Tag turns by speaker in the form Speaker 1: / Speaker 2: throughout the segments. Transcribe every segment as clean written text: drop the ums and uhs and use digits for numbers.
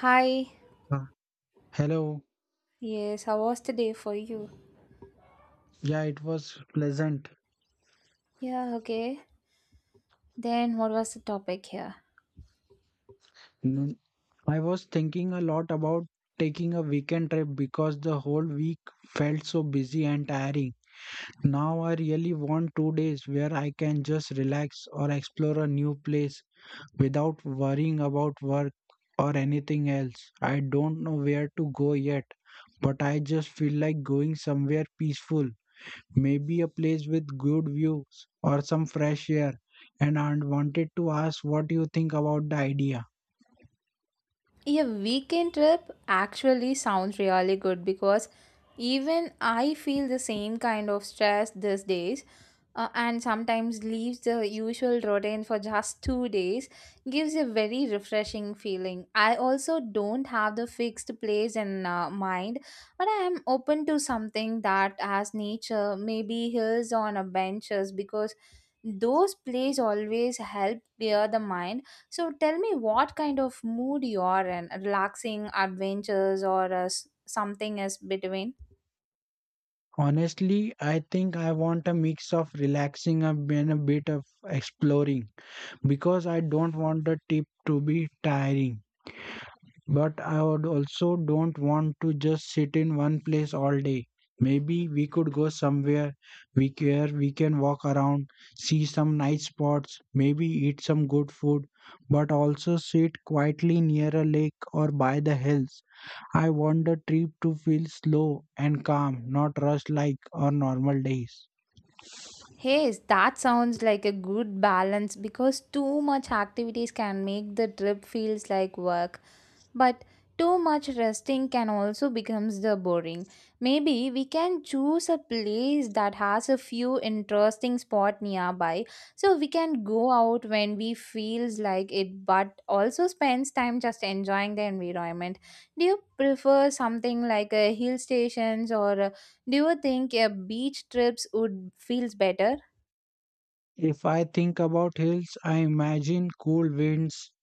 Speaker 1: Hi.
Speaker 2: Uh, Hello.
Speaker 1: Yes, how was the day for you?
Speaker 2: Yeah, it was pleasant.
Speaker 1: Yeah, okay. Then what was the topic here?
Speaker 2: Mm, I was thinking a lot about taking a weekend trip because the whole week felt so busy and tiring. Now I really want 2 days where I can just relax or explore a new place without worrying about work or anything else. I don't know where to go yet, but I just feel like going somewhere peaceful, maybe a place with good views or some fresh air, and I wanted to ask what you think about the idea.
Speaker 1: A weekend trip actually sounds really good because even I feel the same kind of stress these days. And sometimes leaves the usual routine for just 2 days gives a very refreshing feeling. I also don't have the fixed place in mind, but I am open to something that has nature, maybe hills on a benches because those places always help clear the mind. So tell me what kind of mood you are in, relaxing, adventures, or something is between?
Speaker 2: Honestly, I think I want a mix of relaxing and a bit of exploring because I don't want the trip to be tiring. But I would also don't want to just sit in one place all day. Maybe we could go somewhere we can walk around, see some nice spots, maybe eat some good food, but also sit quietly near a lake or by the hills. I want the trip to feel slow and calm, not rushed like our normal days.
Speaker 1: Hey, that sounds like a good balance because too much activities can make the trip feels like work, but too much resting can also becomes the boring. Maybe we can choose a place that has a few interesting spot nearby so we can go out when we feels like it but also spends time just enjoying the environment. Do you prefer something like a hill stations, or do you think a beach trips would feels better?
Speaker 2: If I think about hills, I imagine cool winds,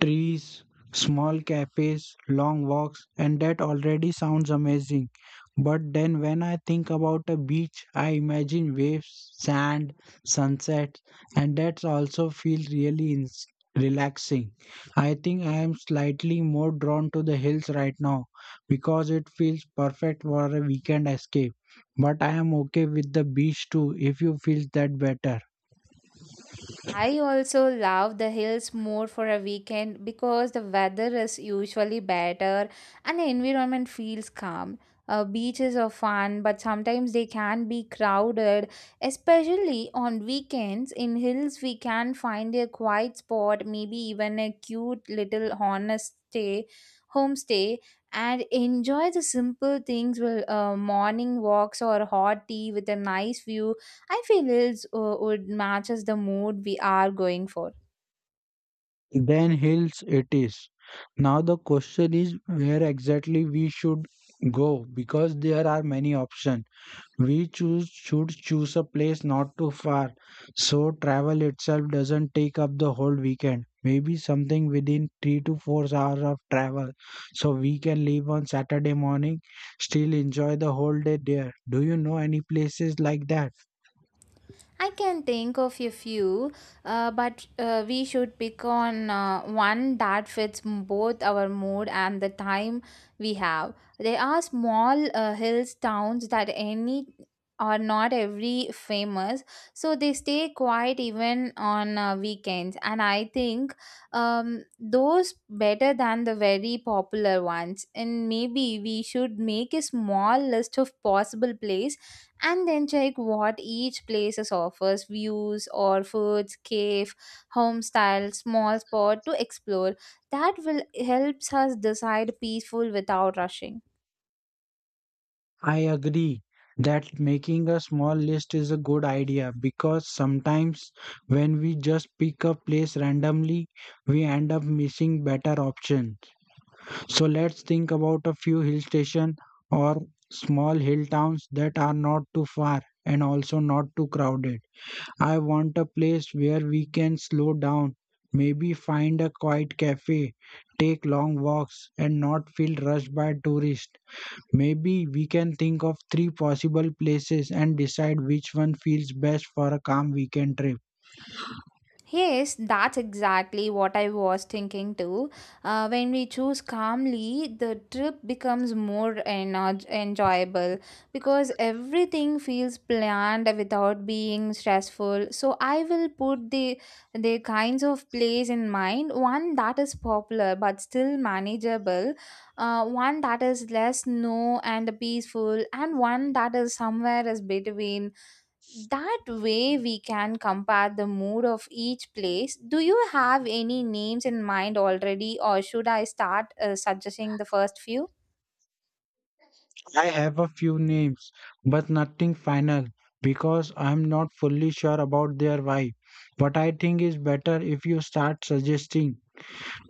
Speaker 2: trees, small cafes, long walks, and that already sounds amazing. But then when I think about a beach, I imagine waves, sand, sunsets, and that's also feels really relaxing. I think I am slightly more drawn to the hills right now because it feels perfect for a weekend escape. But I am okay with the beach too if you feel that better.
Speaker 1: I also love the hills more for a weekend because the weather is usually better and the environment feels calm. Beaches are fun, but sometimes they can be crowded, especially on weekends. In hills, we can find a quiet spot, maybe even a cute little homestay, homestay, and enjoy the simple things with morning walks or hot tea with a nice view. I feel reels would matches the mood we are going for.
Speaker 2: Then hills it is. Now the question is where exactly we should go because there are many options. We choose should choose a place not too far so travel itself doesn't take up the whole weekend. Maybe something within 3 to 4 hours of travel so we can leave on Saturday morning, still enjoy the whole day there. Do you know any places like that?
Speaker 1: I can think of a few, but we should pick on one that fits both our mood and the time we have. There are small hills towns that any or not every famous, so they stay quiet even on weekends. And I think those better than the very popular ones. And maybe we should make a small list of possible places and then check what each places offers views or foods cave home style small spot to explore that will helps us decide peaceful without rushing.
Speaker 2: I agree that making a small list is a good idea because sometimes when we just pick a place randomly, we end up missing better options. So let's think about a few hill stations or small hill towns that are not too far and also not too crowded. I want a place where we can slow down, maybe find a quiet cafe, take long walks, and not feel rushed by tourists. Maybe we can think of three possible places and decide which one feels best for a calm weekend trip.
Speaker 1: Yes, that's exactly what I was thinking too. When we choose calmly, the trip becomes more enjoyable because everything feels planned without being stressful. So I will put the kinds of place in mind. One that is popular but still manageable, one that is less snow and peaceful, and one that is somewhere is between. That way we can compare the mood of each place. Do you have any names in mind already, or should I start suggesting the first few?
Speaker 2: I have a few names, but nothing final because I'm not fully sure about their vibe. But I think it's better if you start suggesting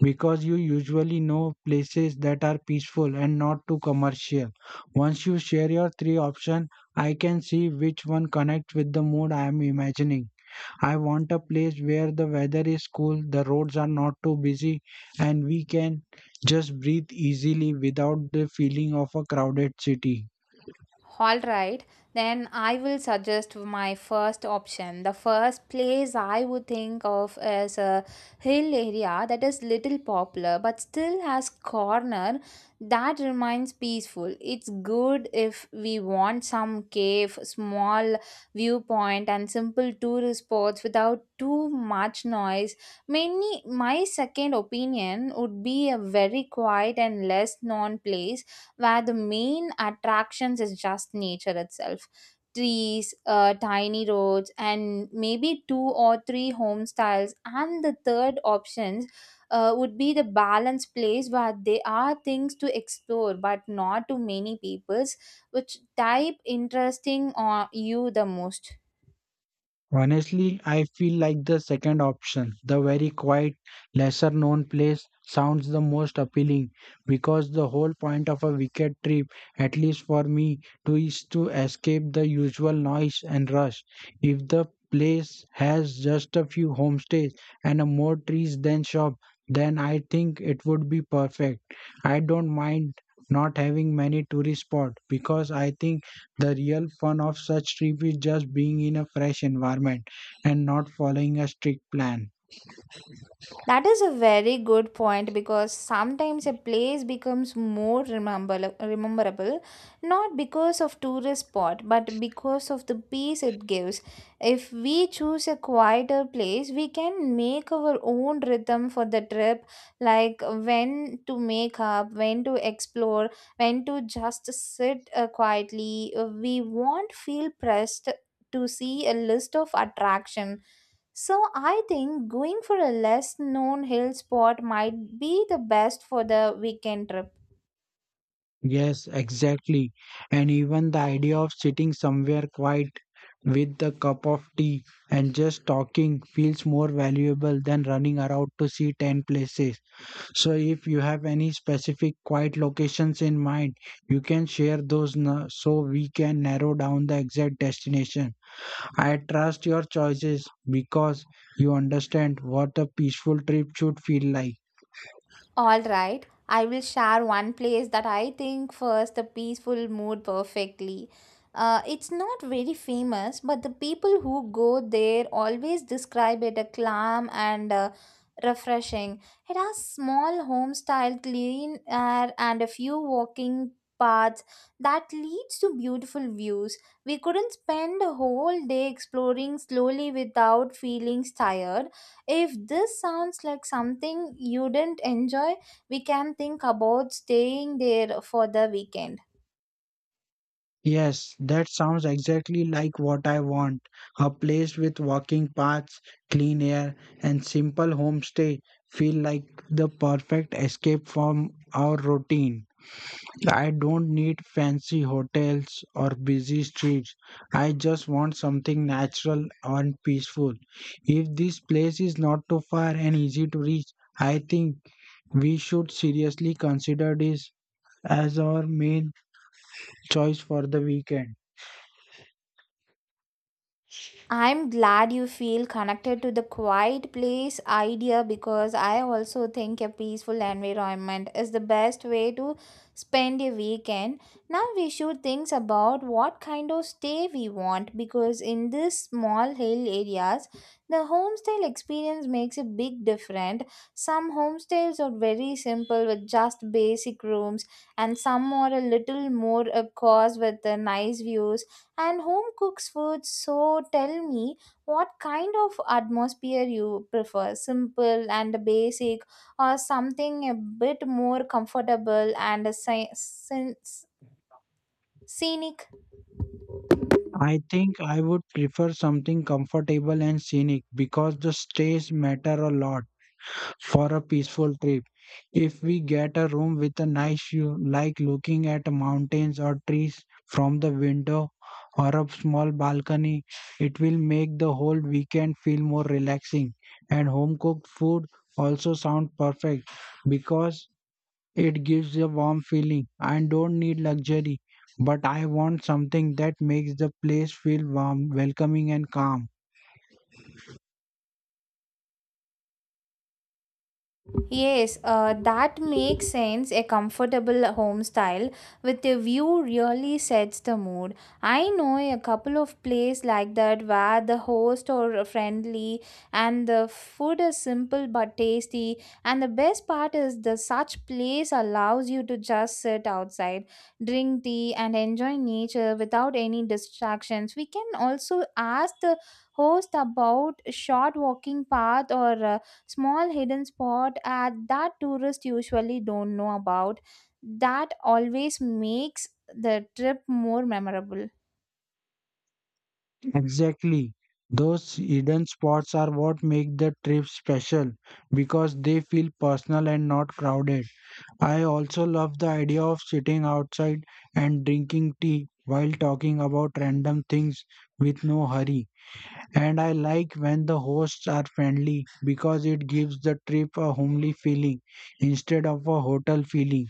Speaker 2: because you usually know places that are peaceful and not too commercial. Once you share your three options, I can see which one connects with the mood I am imagining. I want a place where the weather is cool, the roads are not too busy, and we can just breathe easily without the feeling of a crowded city.
Speaker 1: All right, then I will suggest my first option. The first place I would think of is a hill area that is little popular but still has corner that remains peaceful. It's good if we want some cave, small viewpoint and simple tourist spots without too much noise. Mainly my second opinion would be a very quiet and less known place where the main attractions is just nature itself, trees, tiny roads and maybe two or three home styles, and the third options would be the balanced place where there are things to explore but not too many people's. Which type interesting on you the most?
Speaker 2: Honestly, I feel like the second option, the very quiet, lesser known place, sounds the most appealing because the whole point of a weekend trip, at least for me, to escape the usual noise and rush. If the place has just a few homestays and a more trees than shop, then I think it would be perfect. I don't mind not having many tourist spots because I think the real fun of such trip is just being in a fresh environment and not following a strict plan.
Speaker 1: That is a very good point because sometimes a place becomes more rememberable not because of tourist spot but because of the peace it gives. If we choose a quieter place, we can make our own rhythm for the trip, like when to make up, when to explore, when to just sit quietly. We won't feel pressed to see a list of attraction, so I think going for a less known hill spot might be the best for the weekend trip.
Speaker 2: Yes, exactly. And even the idea of sitting somewhere quiet with the cup of tea and just talking feels more valuable than running around to see 10 places. So, if you have any specific quiet locations in mind, you can share those so we can narrow down the exact destination. I trust your choices because you understand what a peaceful trip should feel like.
Speaker 1: All right, I will share one place that I think fits the peaceful mood perfectly. It's not very famous, but the people who go there always describe it as calm and refreshing. It has small home style, clean air, and a few walking paths that leads to beautiful views. We couldn't spend a whole day exploring slowly without feeling tired. If this sounds like something you didn't enjoy, we can think about staying there for the weekend.
Speaker 2: Yes, that sounds exactly like what I want. A place with walking paths, clean air, and simple homestay feel like the perfect escape from our routine. I don't need fancy hotels or busy streets. I just want something natural and peaceful. If this place is not too far and easy to reach, I think we should seriously consider this as our main choice for the weekend.
Speaker 1: I'm glad you feel connected to the quiet place idea because I also think a peaceful environment is the best way to spend a weekend. Now we should think about what kind of stay we want because in these small hill areas, the homestyle experience makes a big difference. Some homestays are very simple with just basic rooms and some are a little more coarse with the nice views and home cooks food. So tell me what kind of atmosphere you prefer, simple and basic, or something a bit more comfortable and a scenic.
Speaker 2: I think I would prefer something comfortable and scenic because the stays matter a lot for a peaceful trip. If we get a room with a nice view, like looking at mountains or trees from the window or a small balcony, it will make the whole weekend feel more relaxing. And home cooked food also sound perfect because it gives a warm feeling. I don't need luxury, but I want something that makes the place feel warm, welcoming, and calm.
Speaker 1: Yes, that makes sense. A comfortable home style with a view really sets the mood. I know a couple of places like that where the host are friendly and the food is simple but tasty. And the best part is the such place allows you to just sit outside, drink tea, and enjoy nature without any distractions. We can also ask the host about short walking path or small hidden spot at that tourists usually don't know about, that always makes the trip more memorable.
Speaker 2: Exactly. Those hidden spots are what make the trip special because they feel personal and not crowded. I also love the idea of sitting outside and drinking tea while talking about random things with no hurry. And I like when the hosts are friendly because it gives the trip a homely feeling instead of a hotel feeling.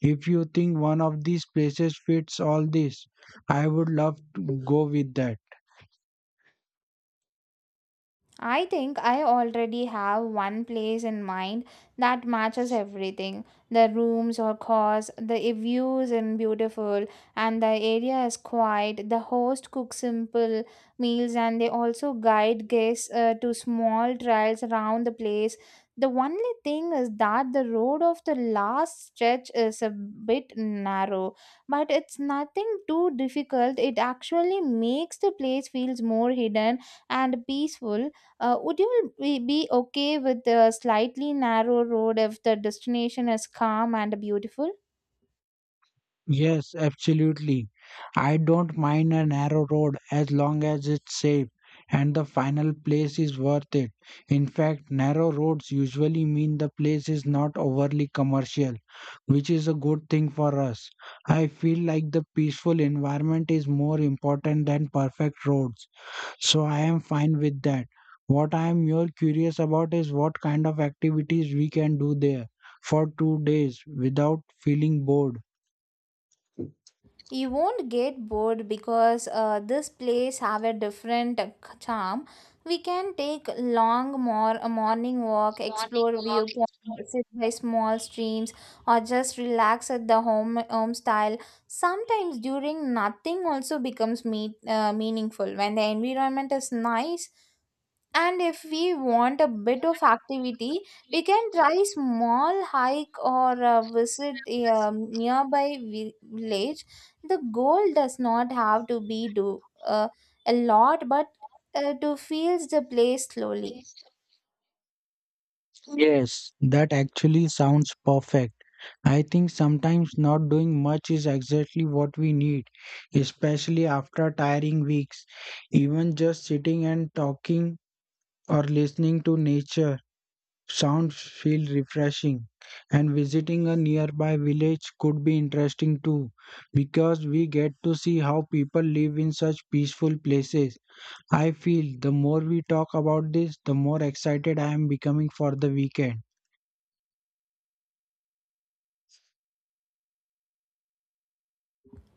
Speaker 2: If you think one of these places fits all this, I would love to go with that.
Speaker 1: I think I already have one place in mind that matches everything. The rooms or cars, the views and beautiful, and the area is quiet. The host cooks simple meals and they also guide guests to small trails around the place. The only thing is that the road of the last stretch is a bit narrow, but it's nothing too difficult. It actually makes the place feels more hidden and peaceful. Would you be okay with a slightly narrow road if the destination is calm and beautiful?
Speaker 2: Yes, absolutely. I don't mind a narrow road as long as it's safe and the final place is worth it. In fact, narrow roads usually mean the place is not overly commercial, which is a good thing for us. I feel like the peaceful environment is more important than perfect roads, so I am fine with that. What I am more curious about is what kind of activities we can do there for 2 days without feeling bored.
Speaker 1: You won't get bored because this place have a different charm. We can take long more a morning walk, explore viewpoint, sit by small streams, or just relax at the home style. Sometimes during nothing also becomes meaningful when the environment is nice. And if we want a bit of activity, we can try small hike or visit a nearby village. The goal does not have to be do a lot, but to feel the place slowly.
Speaker 2: Yes, that actually sounds perfect. I think sometimes not doing much is exactly what we need, especially after tiring weeks. Even just sitting and talking or listening to nature sounds feel refreshing. And visiting a nearby village could be interesting too, because we get to see how people live in such peaceful places. I feel the more we talk about this, the more excited I am becoming for the weekend.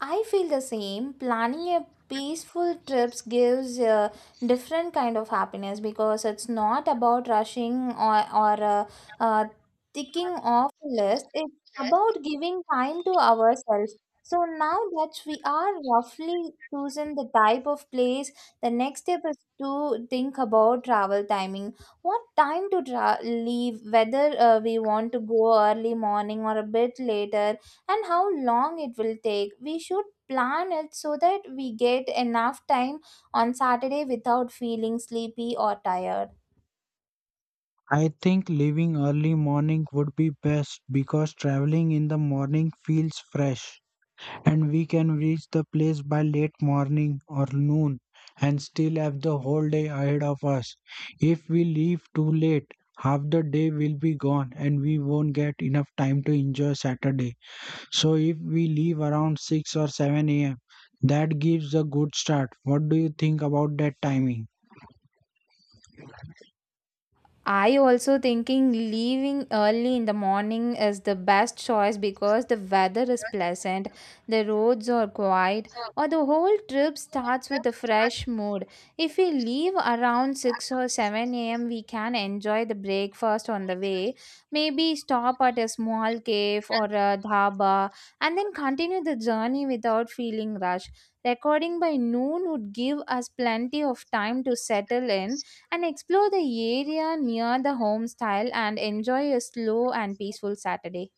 Speaker 1: I feel the same. Planning a peaceful trips gives a different kind of happiness because it's not about rushing or uh, ticking off a list. It's about giving time to ourselves. So now that we are roughly chosen the type of place, the next step is to think about travel timing. What time to leave? Whether we want to go early morning or a bit later, and how long it will take. We should plan it so that we get enough time on Saturday without feeling sleepy or tired.
Speaker 2: I think leaving early morning would be best because traveling in the morning feels fresh and we can reach the place by late morning or noon and still have the whole day ahead of us. If we leave too late, half the day will be gone and we won't get enough time to enjoy Saturday. So if we leave around 6 or 7 a.m., that gives a good start. What do you think about that timing?
Speaker 1: I also thinking leaving early in the morning is the best choice because the weather is pleasant, the roads are quiet, or the whole trip starts with a fresh mood. If we leave around 6 or 7 a.m., we can enjoy the breakfast on the way, maybe stop at a small cave or a dhaba, and then continue the journey without feeling rushed. Recording by noon would give us plenty of time to settle in and explore the area near the home style and enjoy a slow and peaceful Saturday.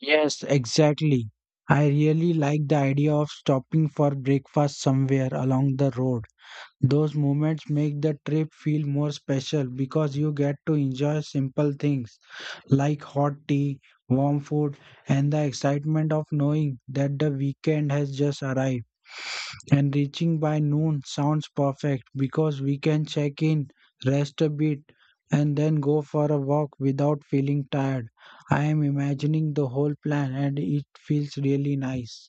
Speaker 2: Yes, exactly. I really like the idea of stopping for breakfast somewhere along the road. Those moments make the trip feel more special because you get to enjoy simple things like hot tea, warm food, and the excitement of knowing that the weekend has just arrived. And reaching by noon sounds perfect because we can check in, rest a bit, and then go for a walk without feeling tired. I am imagining the whole plan and it feels really nice.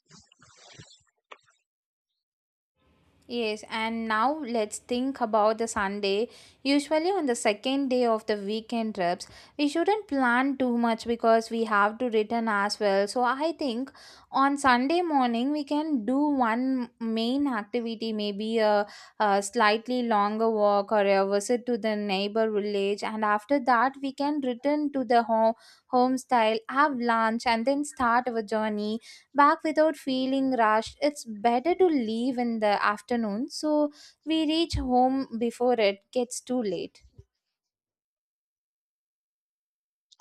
Speaker 1: Yes, and now let's think about the Sunday. Usually, on the second day of the weekend trips, we shouldn't plan too much because we have to return as well. So, I think on Sunday morning, we can do one main activity, maybe a slightly longer walk or a visit to the neighbor village. And after that, we can return to the home, home style, have lunch, and then start our journey back without feeling rushed. It's better to leave in the afternoon so we reach home before it gets too late.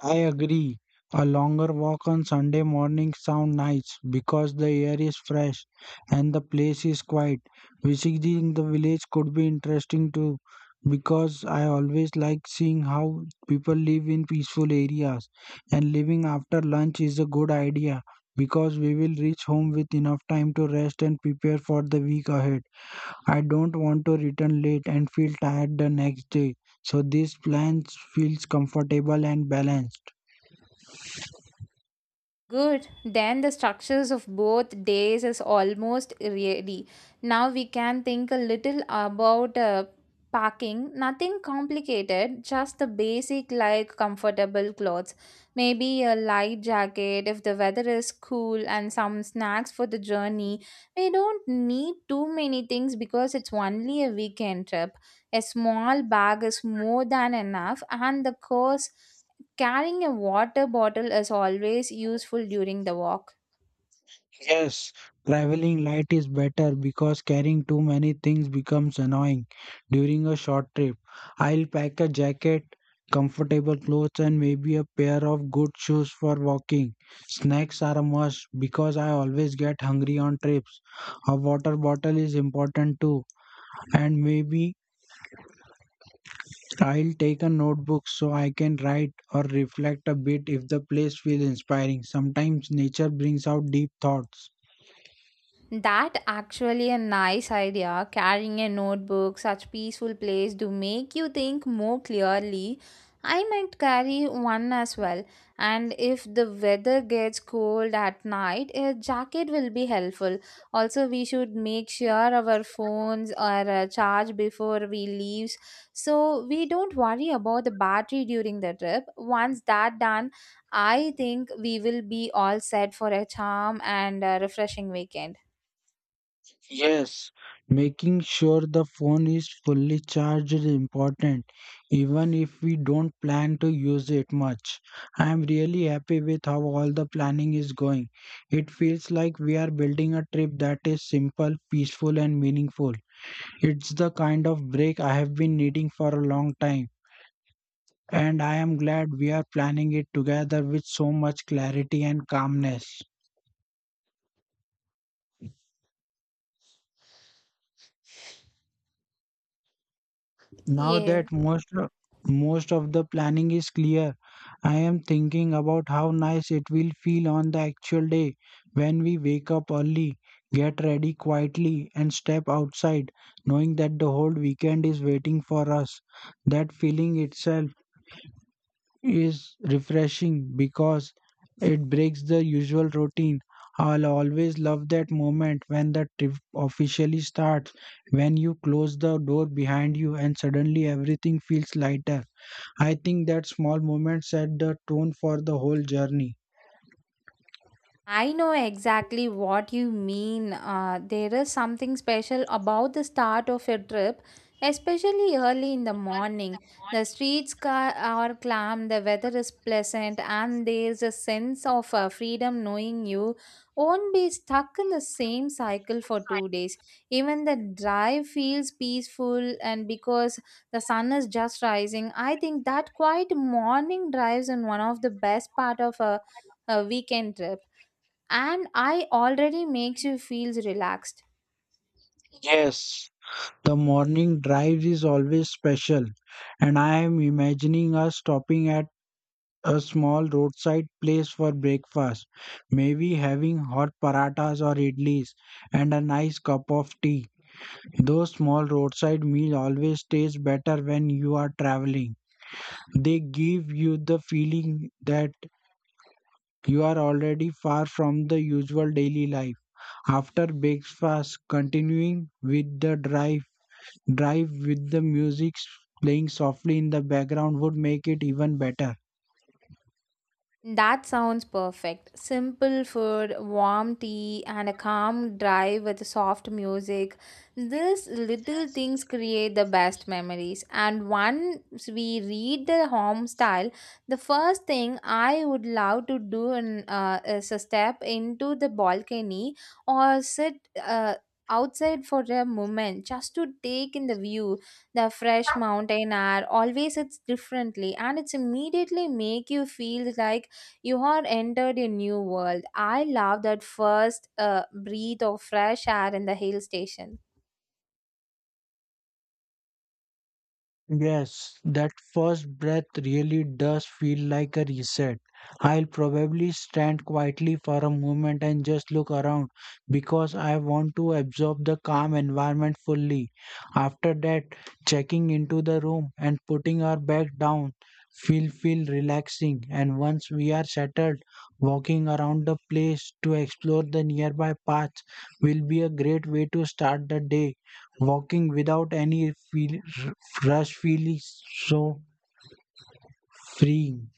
Speaker 2: I agree. A longer walk on Sunday morning sound nice because the air is fresh and the place is quiet. Visiting the village could be interesting too because I always like seeing how people live in peaceful areas, and living after lunch is a good idea because we will reach home with enough time to rest and prepare for the week ahead. I don't want to return late and feel tired the next day. So this plan feels comfortable and balanced.
Speaker 1: Good. Then the structures of both days is almost ready. Now we can think a little about packing. Nothing complicated, just the basic like comfortable clothes. Maybe a light jacket if the weather is cool and some snacks for the journey. We don't need too many things because it's only a weekend trip. A small bag is more than enough, and the course carrying a water bottle is always useful during the walk.
Speaker 2: Yes, traveling light is better because carrying too many things becomes annoying during a short trip. I'll pack a jacket, comfortable clothes, and maybe a pair of good shoes for walking. Snacks are a must because I always get hungry on trips. A water bottle is important too, and maybe I'll take a notebook so I can write or reflect a bit if the place feels inspiring. Sometimes nature brings out deep thoughts.
Speaker 1: That actually a nice idea. Carrying a notebook, such peaceful place to make you think more clearly. I might carry one as well. And if the weather gets cold at night, a jacket will be helpful. Also, we should make sure our phones are charged before we leave, so we don't worry about the battery during the trip. Once that done, I think we will be all set for a charm and refreshing weekend.
Speaker 2: Yes, making sure the phone is fully charged is important, even if we don't plan to use it much. I am really happy with how all the planning is going. It feels like we are building a trip that is simple, peaceful, and meaningful. It's the kind of break I have been needing for a long time, and I am glad we are planning it together with so much clarity and calmness. Now
Speaker 1: Yeah,
Speaker 2: that most of the planning is clear, I am thinking about how nice it will feel on the actual day when we wake up early, get ready quietly, and step outside, knowing that the whole weekend is waiting for us. That feeling itself is refreshing because it breaks the usual routine. I'll always love that moment when the trip officially starts, when you close the door behind you and suddenly everything feels lighter. I think that small moment set the tone for the whole journey.
Speaker 1: I know exactly what you mean. There is something special about the start of a trip, especially early in the morning. The streets are calm, the weather is pleasant, and there's a sense of freedom knowing you won't be stuck in the same cycle for 2 days. Even the drive feels peaceful, and because the sun is just rising, I think that quiet morning drives in one of the best part of a weekend trip and I already makes you feels relaxed.
Speaker 2: Yes, the morning drive is always special, and I am imagining us stopping at a small roadside place for breakfast, maybe having hot paratas or idlis and a nice cup of tea. Those small roadside meals always taste better when you are traveling. They give you the feeling that you are already far from the usual daily life. After breakfast, continuing with the drive with the music playing softly in the background would make it even better.
Speaker 1: That sounds perfect. Simple food, warm tea, and a calm drive with soft music. These little things create the best memories. And once we read the home style, the first thing I would love to do in, is a step into the balcony or sit. Outside for a moment just to take in the view, the fresh mountain air always it's differently and it's immediately make you feel like you are entered a new world. I love that first breath of fresh air in the hill station.
Speaker 2: Yes, that first breath really does feel like a reset. I'll probably stand quietly for a moment and just look around because I want to absorb the calm environment fully. After that, checking into the room and putting our bag down feel relaxing, and once we are settled, walking around the place to explore the nearby paths will be a great way to start the day, walking without any feel rush feels so freeing.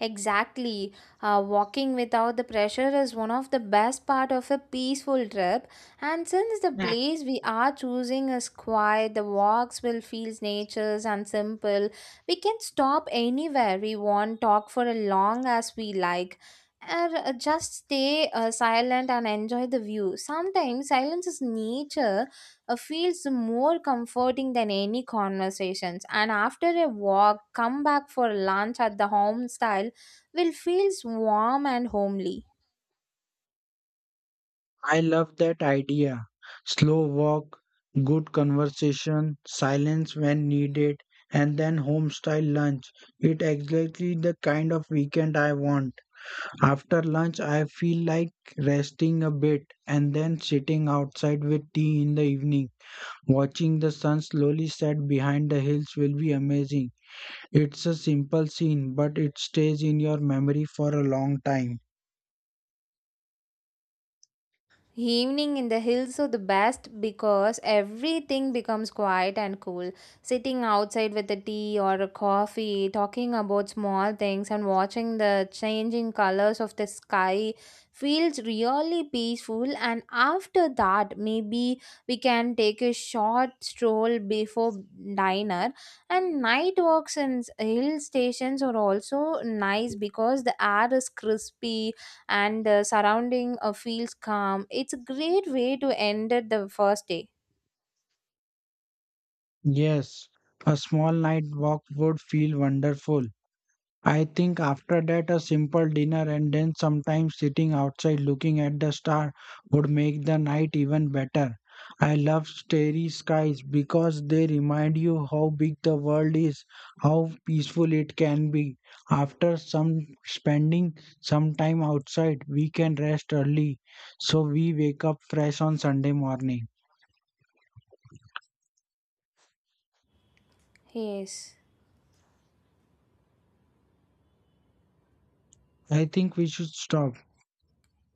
Speaker 1: Exactly. Walking without the pressure is one of the best part of a peaceful trip. And since the place we are choosing is quiet, the walks will feel nature's and simple. We can stop anywhere we want, talk for as long as we like, or just stay silent and enjoy the view. Sometimes silence is nature feels more comforting than any conversations. And after a walk, come back for lunch at the home style will feel warm and homely.
Speaker 2: I love that idea. Slow walk, good conversation, silence when needed, and then home style lunch. It exactly the kind of weekend I want. After lunch I feel like resting a bit and then sitting outside with tea in the evening. Watching the sun slowly set behind the hills will be amazing. It's a simple scene but it stays in your memory for a long time.
Speaker 1: Evening in the hills are the best because everything becomes quiet and cool. Sitting outside with a tea or a coffee, talking about small things and watching the changing colors of the sky feels really peaceful, and after that maybe we can take a short stroll before dinner. And night walks in hill stations are also nice because the air is crispy and the surrounding feels calm. It's a great way to end it the first day.
Speaker 2: Yes, a small night walk would feel wonderful. I think after that, a simple dinner and then sometimes sitting outside looking at the star would make the night even better. I love starry skies because they remind you how big the world is, how peaceful it can be. After some spending some time outside, we can rest early so we wake up fresh on Sunday morning.
Speaker 1: Yes.
Speaker 2: I think we should stop.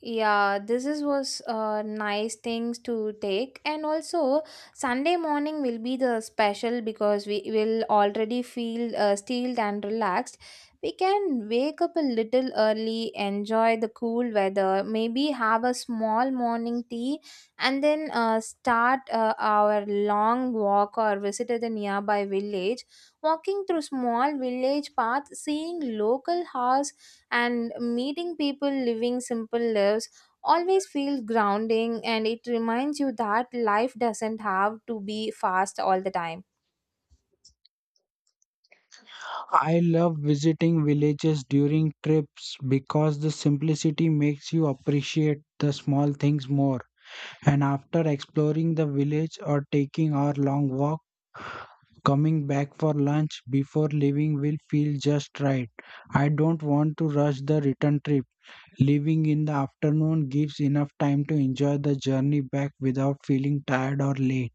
Speaker 1: Yeah, this is was nice things to take, and also Sunday morning will be the special because we will already feel steeled and relaxed. We can wake up a little early, enjoy the cool weather, maybe have a small morning tea, and then start our long walk or visit the nearby village. Walking through small village paths, seeing local house and meeting people living simple lives always feels grounding, and it reminds you that life doesn't have to be fast all the time.
Speaker 2: I love visiting villages during trips because the simplicity makes you appreciate the small things more. And after exploring the village or taking our long walk, coming back for lunch before leaving will feel just right. I don't want to rush the return trip. Leaving in the afternoon gives enough time to enjoy the journey back without feeling tired or late.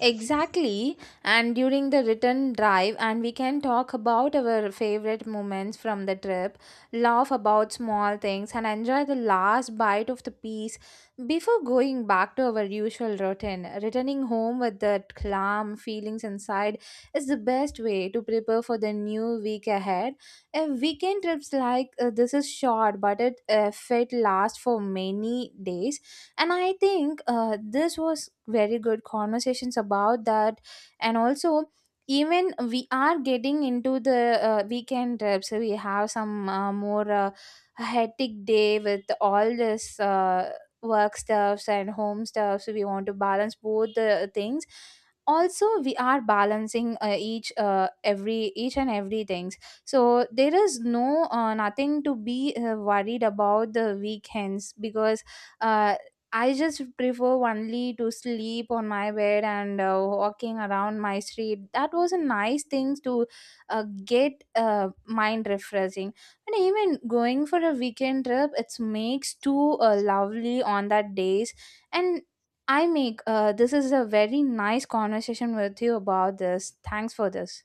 Speaker 1: Exactly. And during the return drive, and we can talk about our favorite moments from the trip, laugh about small things, and enjoy the last bite of the piece before going back to our usual routine. Returning home with the calm feelings inside is the best way to prepare for the new week ahead. A weekend trips like this is short, but it fit last for many days, and I think this was very good conversations about that. And also even we are getting into the weekend trips, we have some more hectic day with all this work stuffs and home stuffs, we want to balance both the things. Also we are balancing each every each and every things, so there is no nothing to be worried about the weekends because uh, I just prefer only to sleep on my bed and walking around my street. That was a nice thing to get mind refreshing. And even going for a weekend trip, it makes too lovely on that days. And I make this is a very nice conversation with you about this. Thanks for this.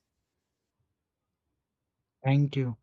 Speaker 2: Thank you.